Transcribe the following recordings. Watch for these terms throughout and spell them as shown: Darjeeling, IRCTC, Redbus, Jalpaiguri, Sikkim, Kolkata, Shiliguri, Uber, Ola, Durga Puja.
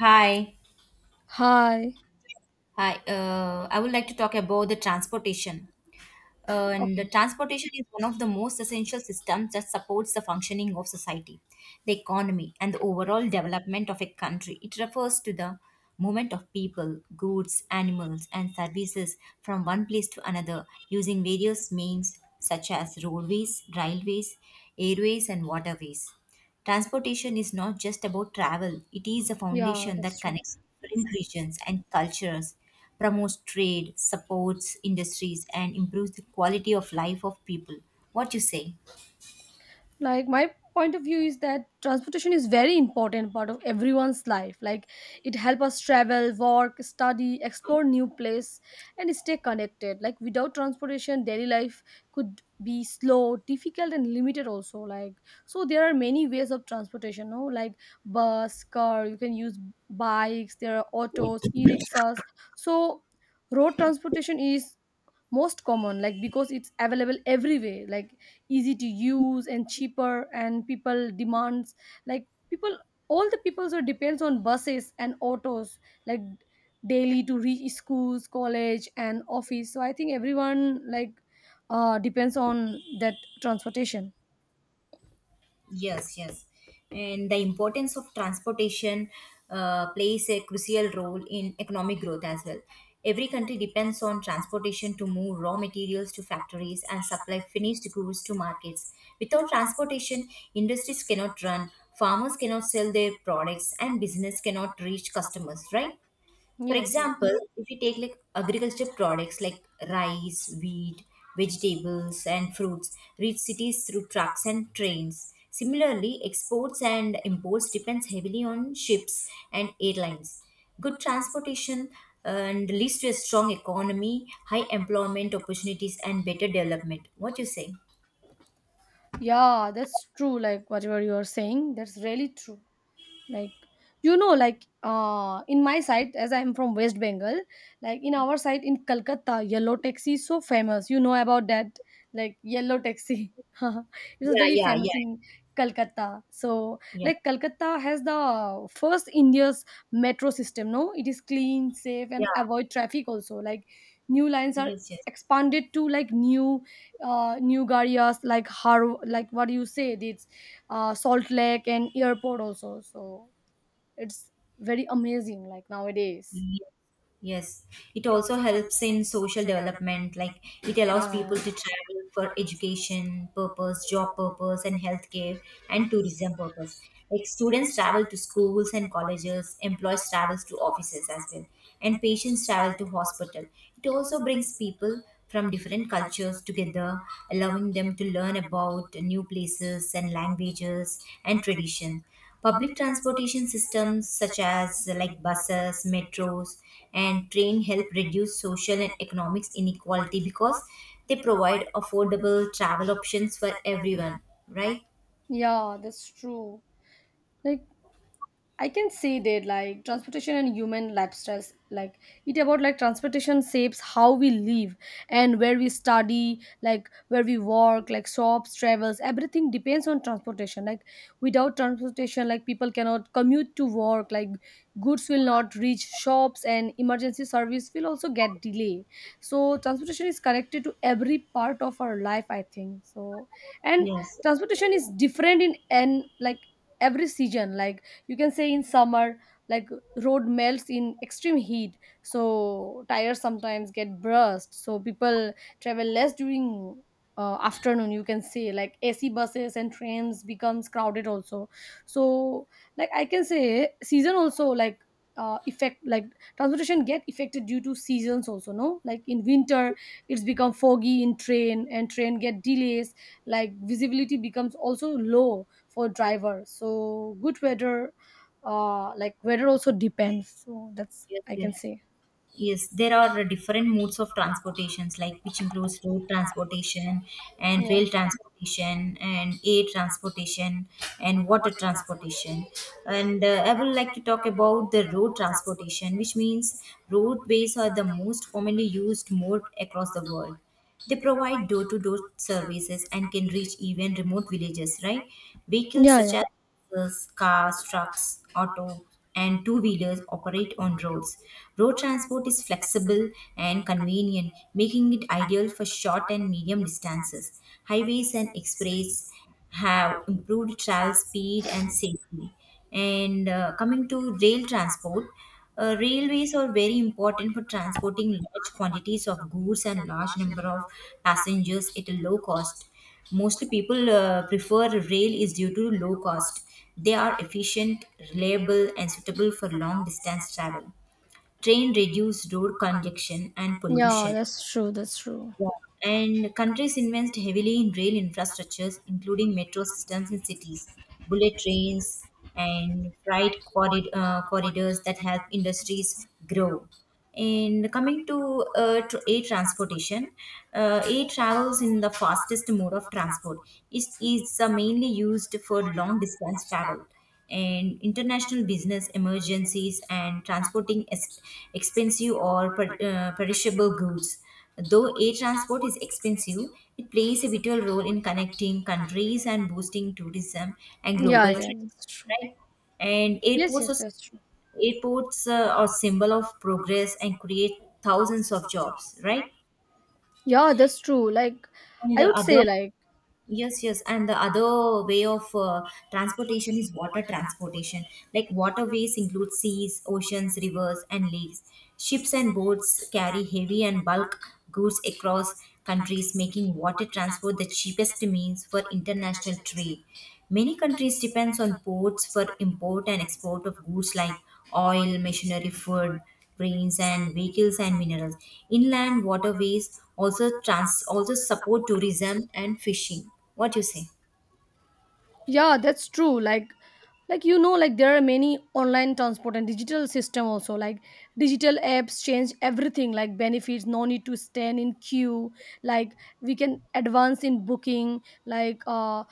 Hi, Hi. hi. I would like to talk about the transportation. And the Okay. transportation is one of the most essential systems that supports the functioning of society, the economy, and the overall development of a country. It refers to the movement of people, goods, animals, and services from one place to another using various means such as roadways, railways, airways, and waterways. Transportation is not just about travel, it is a Yeah, foundation that's that true. connects different regions and cultures, promotes trade, supports industries, and improves the quality of life of people. What you say? Like my point of view is that transportation is very important part of everyone's life. Like it help us travel, work, study, explore new place and stay connected. Like without transportation daily life could be slow, difficult and limited also. Like so there are many ways of transportation, no? Like bus, car, you can use bikes, there are autos, e-rickshaws. So road transportation is most common like because it's available everywhere like easy to use and cheaper and people demands like people all the people so depends on buses and autos like daily to reach schools college and office so I think everyone like depends on that transportation. Yes, yes. And the importance of transportation plays a crucial role in economic growth as well. Every country depends on transportation to move raw materials to factories and supply finished goods to markets. Without transportation, industries cannot run, farmers cannot sell their products, and business cannot reach customers, right? For Yes, yes. example, if you take like agriculture products like rice, wheat, vegetables, and fruits reach cities through trucks and trains. Similarly, exports and imports depends heavily on ships and airlines. Good transportation and leads to a strong economy, high employment opportunities, and better development. What you say? Yeah, that's true like whatever you are saying that's really true like you know like in my side as I am from west bengal like in our side in Calcutta yellow taxi is so famous you know about that like yellow taxi it was Yeah, very yeah, famous yeah, in Calcutta. So yeah, like Calcutta has the first india's metro system no it is clean safe and yeah. avoid traffic also like new lines are Yes, yes. expanded to like new areas like har like what do you say it's salt lake and airport also so it's very amazing like nowadays. Yes, yes. It also helps in social development, like it allows people Yeah. to travel for education purpose, job purpose, and healthcare and tourism purpose. Like students travel to schools and colleges, employees travels to offices as well and patients travel to hospital. It also brings people from different cultures together, allowing them to learn about new places and languages and tradition. Public transportation systems such as like buses, metros, and train help reduce social and economic inequality because they provide affordable travel options for everyone, right? Yeah, that's true. Like I can say that like transportation and human lifestyles, like it about like transportation shapes how we live and where we study, like where we work, like shops, travels, everything depends on transportation. Like without transportation, like people cannot commute to work, like goods will not reach shops and emergency service will also get delay. So transportation is connected to every part of our life, I think. So and Yes, transportation is different in and like every season like you can say in summer like road melts in extreme heat so tires sometimes get burst so people travel less during afternoon you can say like ac buses and trains becomes crowded also so like I can say season also like effect like transportation get affected due to seasons also no like in winter it's become foggy in train and train get delays like visibility becomes also low for driver so good weather like weather also depends so that's yes, I can yes. say. Yes, there are different modes of transportations, like which includes road transportation and Yes. rail transportation and air transportation and water transportation. And I would like to talk about the road transportation, which means roadways are the most commonly used mode across the world. They provide door to door services and can reach even remote villages, right? Vehicles Yeah, such yeah, as buses, cars, trucks, auto, and two wheelers operate on roads. Road transport is flexible and convenient, making it ideal for short and medium distances. Highways and express have improved travel speed and safety. And coming to rail transport, railways are very important for transporting large quantities of goods and large number of passengers at a low cost. Mostly people prefer rail is due to low cost. They are efficient, reliable, and suitable for long distance travel. Train reduce road congestion and yeah, pollution. that's true, that's true. Yeah. And countries invest heavily in rail infrastructures, including metro systems in cities, bullet trains, and corridors that help industries grow. And coming to air transportation, air travels in the fastest mode of transport. It is mainly used for long distance travel and international business emergencies and transporting expensive or perishable goods. Though air transport is expensive, it plays a vital role in connecting countries and boosting tourism and Yeah, global yeah, trade, that's true. right? And Yes, yes, that's true. airports are symbol of progress and create thousands of jobs, right? Yeah, that's true like And I the would other say like. Yes, yes. And the other way of transportation is water transportation. Like waterways include seas, oceans, rivers, and lakes. Ships and boats carry heavy and bulk goods across countries, making water transport the cheapest means for international trade. Many countries depends on ports for import and export of goods like oil, machinery, food grains and vehicles and minerals. Inland waterways also support tourism and fishing. What do you say? Yeah, that's true. Like you know like there are many online transport and digital system also like digital apps change everything like benefits no need to stand in queue like we can advance in booking like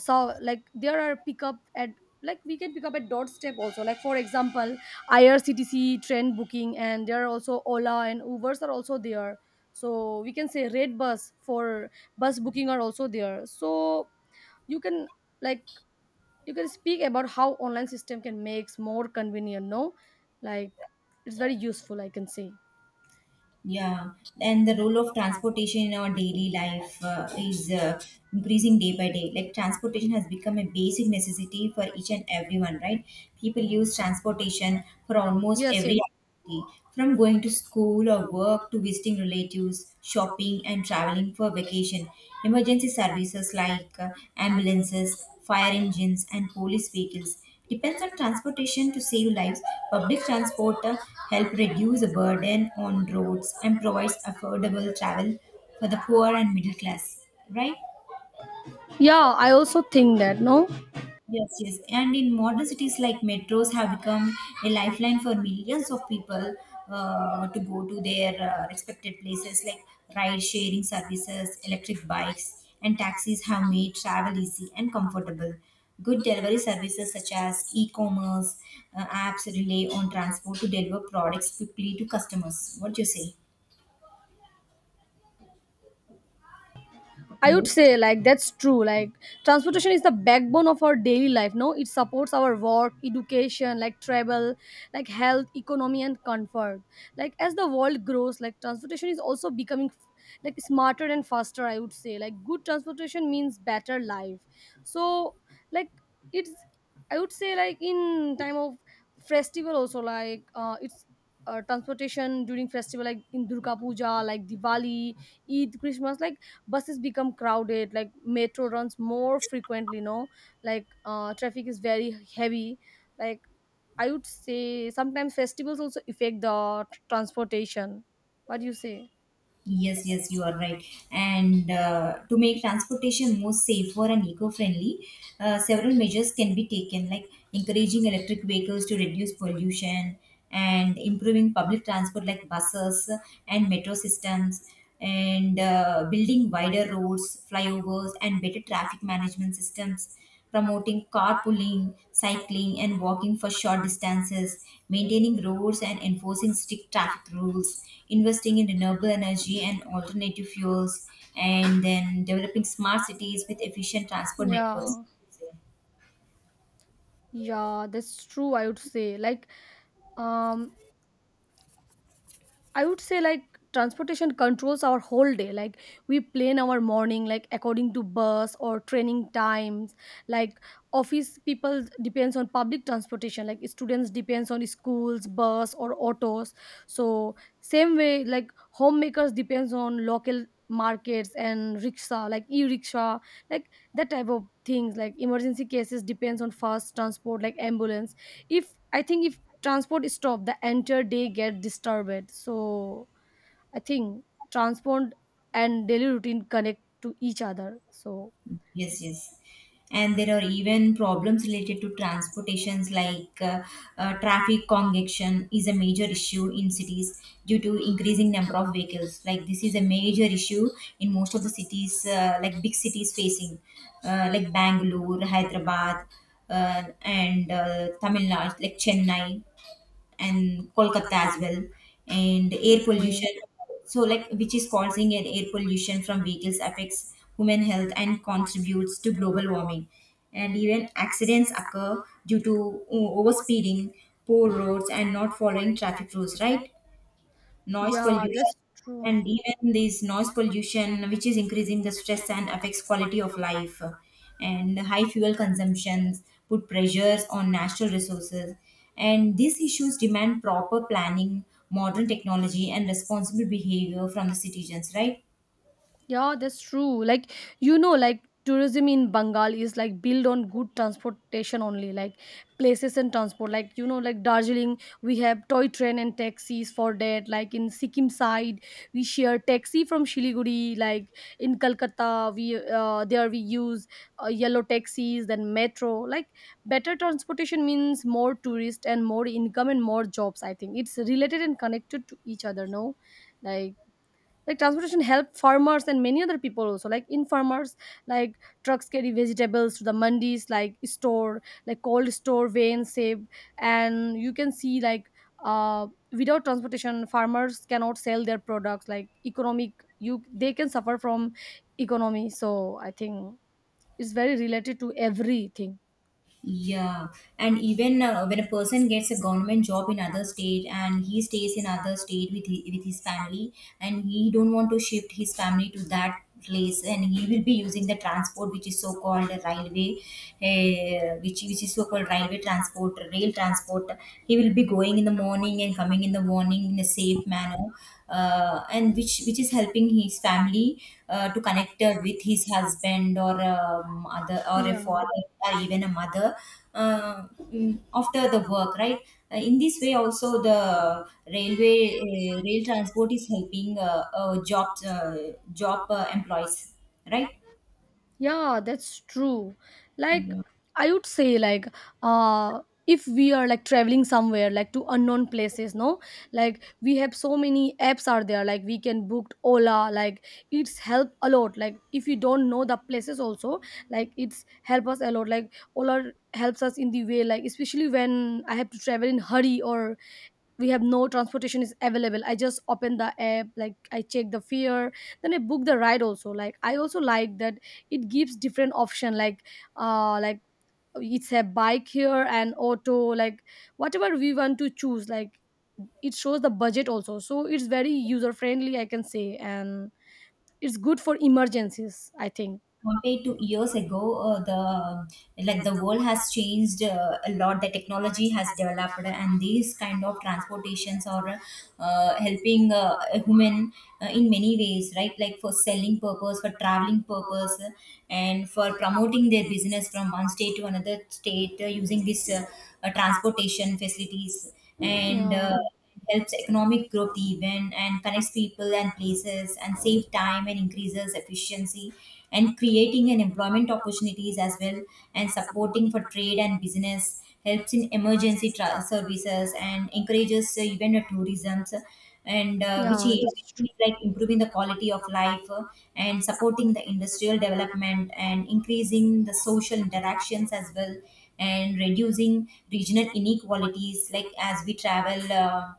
so like there are pickup at like we can pick up at doorstep also like for example irctc train booking and there are also ola and ubers are also there so we can say red bus for bus booking are also there so you can like you can speak about how online system can makes more convenient no like it's very useful I can say. Yeah, and the role of transportation in our daily life is increasing day by day. Like transportation has become a basic necessity for each and everyone, right? People use transportation for almost Yes, yes. every activity, from going to school or work to visiting relatives, shopping, and traveling for vacation. Emergency services like ambulances, fire engines, and police vehicles depends on transportation to save lives. Public transport help reduce the burden on roads and provides affordable travel for the poor and middle class, right? Yeah, I also think that no. Yes, yes. And in modern cities like metros have become a lifeline for millions of people to go to their respected places like ride sharing services, electric bikes, and taxis have made travel easy and comfortable. Good delivery services such as e commerce apps rely on transport to deliver products quickly to customers. What do you say? I would Hello? say like that's true. Like transportation is the backbone of our daily life. No, it supports our work, education, like travel, like health, economy, and comfort. Like as the world grows, like transportation is also becoming like smarter and faster. I would say like good transportation means better life. So like it's I would say like in time of festival also like it's transportation during festival like in Durga Puja, like Diwali, Eid, Christmas like buses become crowded like metro runs more frequently no like traffic is very heavy like I would say sometimes festivals also affect the transportation what do you say. Yes, yes, you are right. And to make transportation more safer and eco-friendly, several measures can be taken, like encouraging electric vehicles to reduce pollution and improving public transport like buses and metro systems, and building wider roads, flyovers, and better traffic management systems promoting carpooling, cycling, and walking for short distances, maintaining roads and enforcing strict traffic rules, investing in renewable energy and alternative fuels, and then developing smart cities with efficient transport networks. Yeah, yeah, that's true I would say like um I would say like transportation controls our whole day. Like we plan our morning like according to bus or training times. Like office people depends on public transportation. Like students depends on schools, bus or autos. So same way like homemakers depends on local markets and rickshaw like e-rickshaw like that type of things like emergency cases depends on fast transport like ambulance if I think if transport stop the entire day get disturbed so I think transport and daily routine connect to each other so. Yes, yes. And there are even problems related to transportations like traffic congestion is a major issue in cities due to increasing number of vehicles. Like this is a major issue in most of the cities, like big cities facing, like Bangalore, Hyderabad, and Tamil Nadu, like Chennai and Kolkata as well, and air Okay. pollution. So, like, which is causing an air pollution from vehicles affects human health and contributes to global warming. And even accidents occur due to overspeeding, poor roads, and not following traffic rules, right? Noise Yeah, pollution, that's true. and even this noise pollution, which is increasing the stress and affects quality of life, and high fuel consumptions put pressures on natural resources, and these issues demand proper planning, modern technology, and responsible behavior from the citizens. Right? Yeah, that's true. Like you know, like tourism in Bengal is like built on good transportation only, like places and transport. Like you know, like Darjeeling, we have toy train and taxis for that. Like in Sikkim side, we share taxi from Shiliguri. Like in Kolkata, we there we use yellow taxis, then metro. Like better transportation means more tourists and more income and more jobs. I think it's related and connected to each other. No, like like transportation help farmers and many other people also like in farmers like trucks carry vegetables to the mandis like store like cold store vein save and you can see like uh without transportation farmers cannot sell their products like economic you they can suffer from economy so I think it's very related to everything. Yeah, and even when a person gets a government job in other state and he stays in other state with with his family and he don't want to shift his family to that place and he will be using the transport which is so called a railway which is so called railway transport rail transport he will be going in the morning and coming in the morning safe manner and which is helping his family to connect with his husband or other or a Yeah. father or even a mother uh, after the work, right? In this way also the railway rail transport is helping job employees, right? Yeah, that's true. Like I would say like uh if we are like traveling somewhere like to unknown places no like we have so many apps are there like we can book ola like it's help a lot like if you don't know the places also like it's help us a lot like ola helps us in the way like especially when I have to travel in hurry or we have no transportation is available I just open the app like I check the fare then I book the ride also like I also like that it gives different option like it's a bike here and auto like whatever we want to choose like it shows the budget also so it's very user friendly I can say and it's good for emergencies I think. Compared to years ago, the like the world has changed a lot. The technology has developed, and these kind of transportations are helping a human in many ways, right? Like for selling purpose, for traveling purpose, and for promoting their business from one state to another state using this transportation facilities and Yeah, helps economic growth even and connects people and places and save time and increases efficiency and creating an employment opportunities as well and supporting for trade and business helps in services and encourages even tourism. So, and yeah, that's. which is like improving the quality of life and supporting the industrial development and increasing the social interactions as well and reducing regional inequalities like as we travel uh,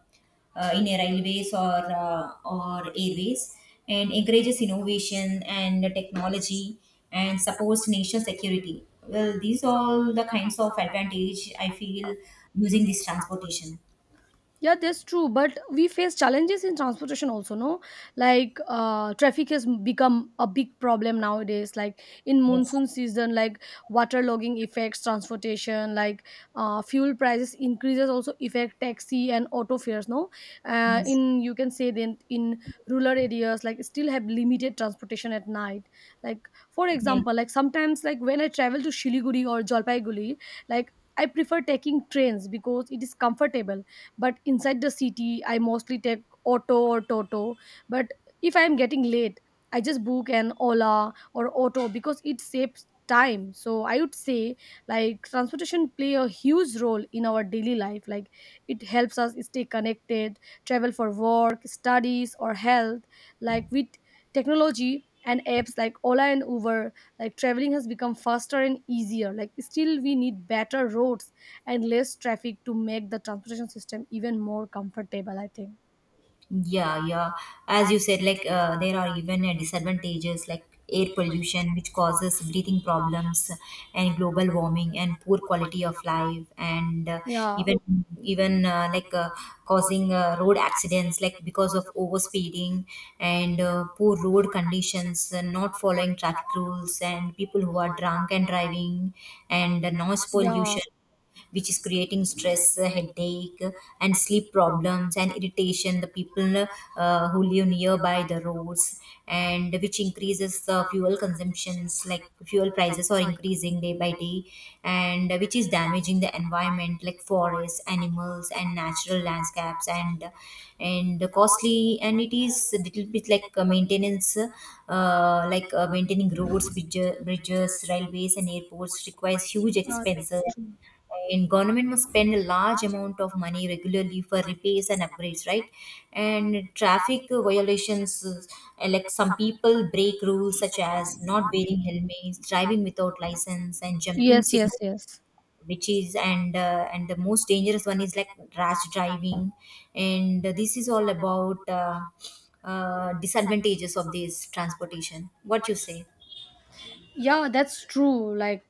uh, in a railways or airways and encourages innovation and technology and supports national security. Well, these are all the kinds of advantage I feel using this transportation. Yeah, that's true. But we face challenges in transportation also, no? Like traffic has become a big problem nowadays. Like in Yes, monsoon season, like waterlogging affects transportation. Like fuel prices increases also affect taxi and auto fares. No, yes, in you can say then in rural areas, like still have limited transportation at night. Like for yes. example, like sometimes like when I travel to Shiliguri or Jalpaiguri, like I prefer taking trains because it is comfortable but inside the city I mostly take auto or toto but if I am getting late I just book an ola or auto because it saves time so I would say like transportation play a huge role in our daily life like it helps us stay connected travel for work studies or health like with technology and apps like ola and uber like traveling has become faster and easier like still we need better roads and less traffic to make the transportation system even more comfortable I think. Yeah, yeah. As you said, like there are even disadvantages like air pollution, which causes breathing problems, and global warming, and poor quality of life, and Yeah, even even like causing road accidents, like because of overspeeding and poor road conditions, and not following traffic rules, and people who are drunk and driving, and noise yeah, pollution which is creating stress, headache, and sleep problems and irritation. The people who live nearby the roads and which increases the fuel consumptions, like fuel prices are increasing day by day, and which is damaging the environment like forests, animals, and natural landscapes and costly and it is a little bit like maintenance like maintaining roads bridges railways and airports requires huge yeah, that's expenses true. and government must spend a large amount of money regularly for repairs and upgrades, right? And traffic violations, like some people break rules such as not wearing helmets, driving without license, and jumping Yes, yes, signals, yes. which is and the most dangerous one is like rash driving. And this is all about disadvantages of this transportation. What you say? Yeah, that's true like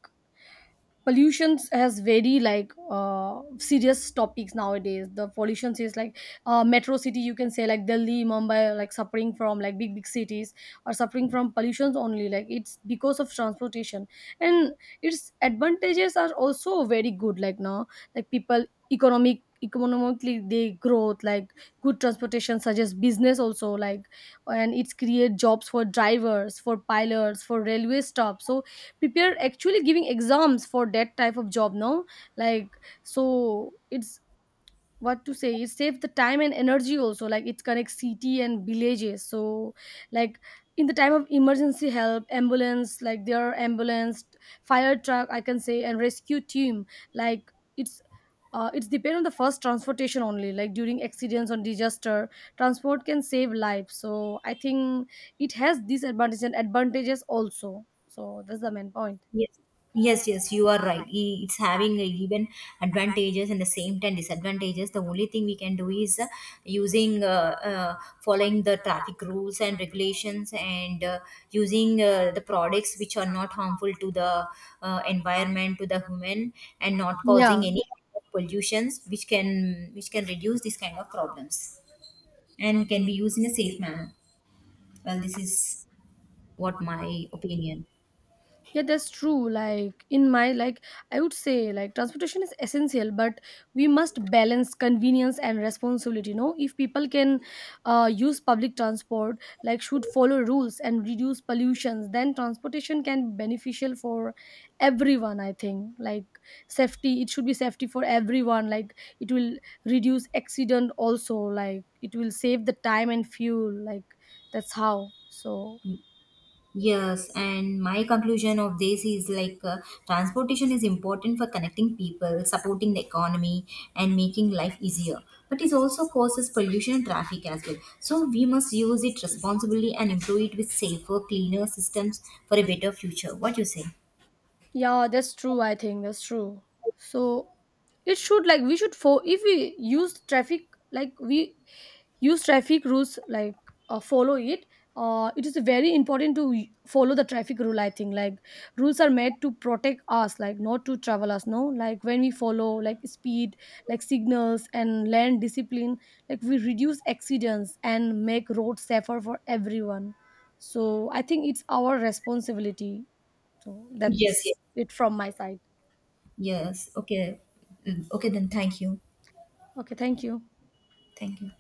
pollution has very like serious topics nowadays the pollution is like metro city you can say like Delhi Mumbai like suffering from like big big cities are suffering from pollutions only like it's because of transportation and its advantages are also very good like now like people economically they growth like good transportation such as business also like and it's create jobs for drivers for pilots for railway staff so prepare actually giving exams for that type of job no like so it's what to say it saves the time and energy also like it connects city and villages so like in the time of emergency help ambulance like there are ambulance fire truck I can say and rescue team like it's it's depend on the first transportation only like during accidents or disaster transport can save lives so I think it has disadvantages and advantages also so that's the main point. Yes, yes, yes, you are right. It's having even advantages and the same time disadvantages. The only thing we can do is using following the traffic rules and regulations and using the products which are not harmful to the environment, to the human, and not Yeah, causing any pollutions which can reduce this kind of problems and can be used in a safe manner. Well, this is what my opinion. yeah, that's true. Like in my like I would say like transportation is essential, but we must balance convenience and responsibility, you know. If people can use public transport, like should follow rules and reduce pollutions, then transportation can be beneficial for everyone, I think. Like safety, it should be safety for everyone. Like it will reduce accident also, like it will save the time and fuel, like that's how. So. Yes, and my conclusion of this is like transportation is important for connecting people, supporting the economy, and making life easier. But it also causes pollution and traffic as well. So we must use it responsibly and improve it with safer, cleaner systems for a better future. What you say? Yeah, that's true. I think that's true. So it should like we should for if we use traffic like we use traffic rules like follow it. It is very important to follow the traffic rule. I think like rules are made to protect us, like not to travel us. No, like when we follow like speed, like signals and land discipline, like we reduce accidents and make roads safer for everyone. So I think it's our responsibility so Yes, yes, that's it from my side. yes. Okay, mm, okay. Then thank you. Okay, thank you. Thank you.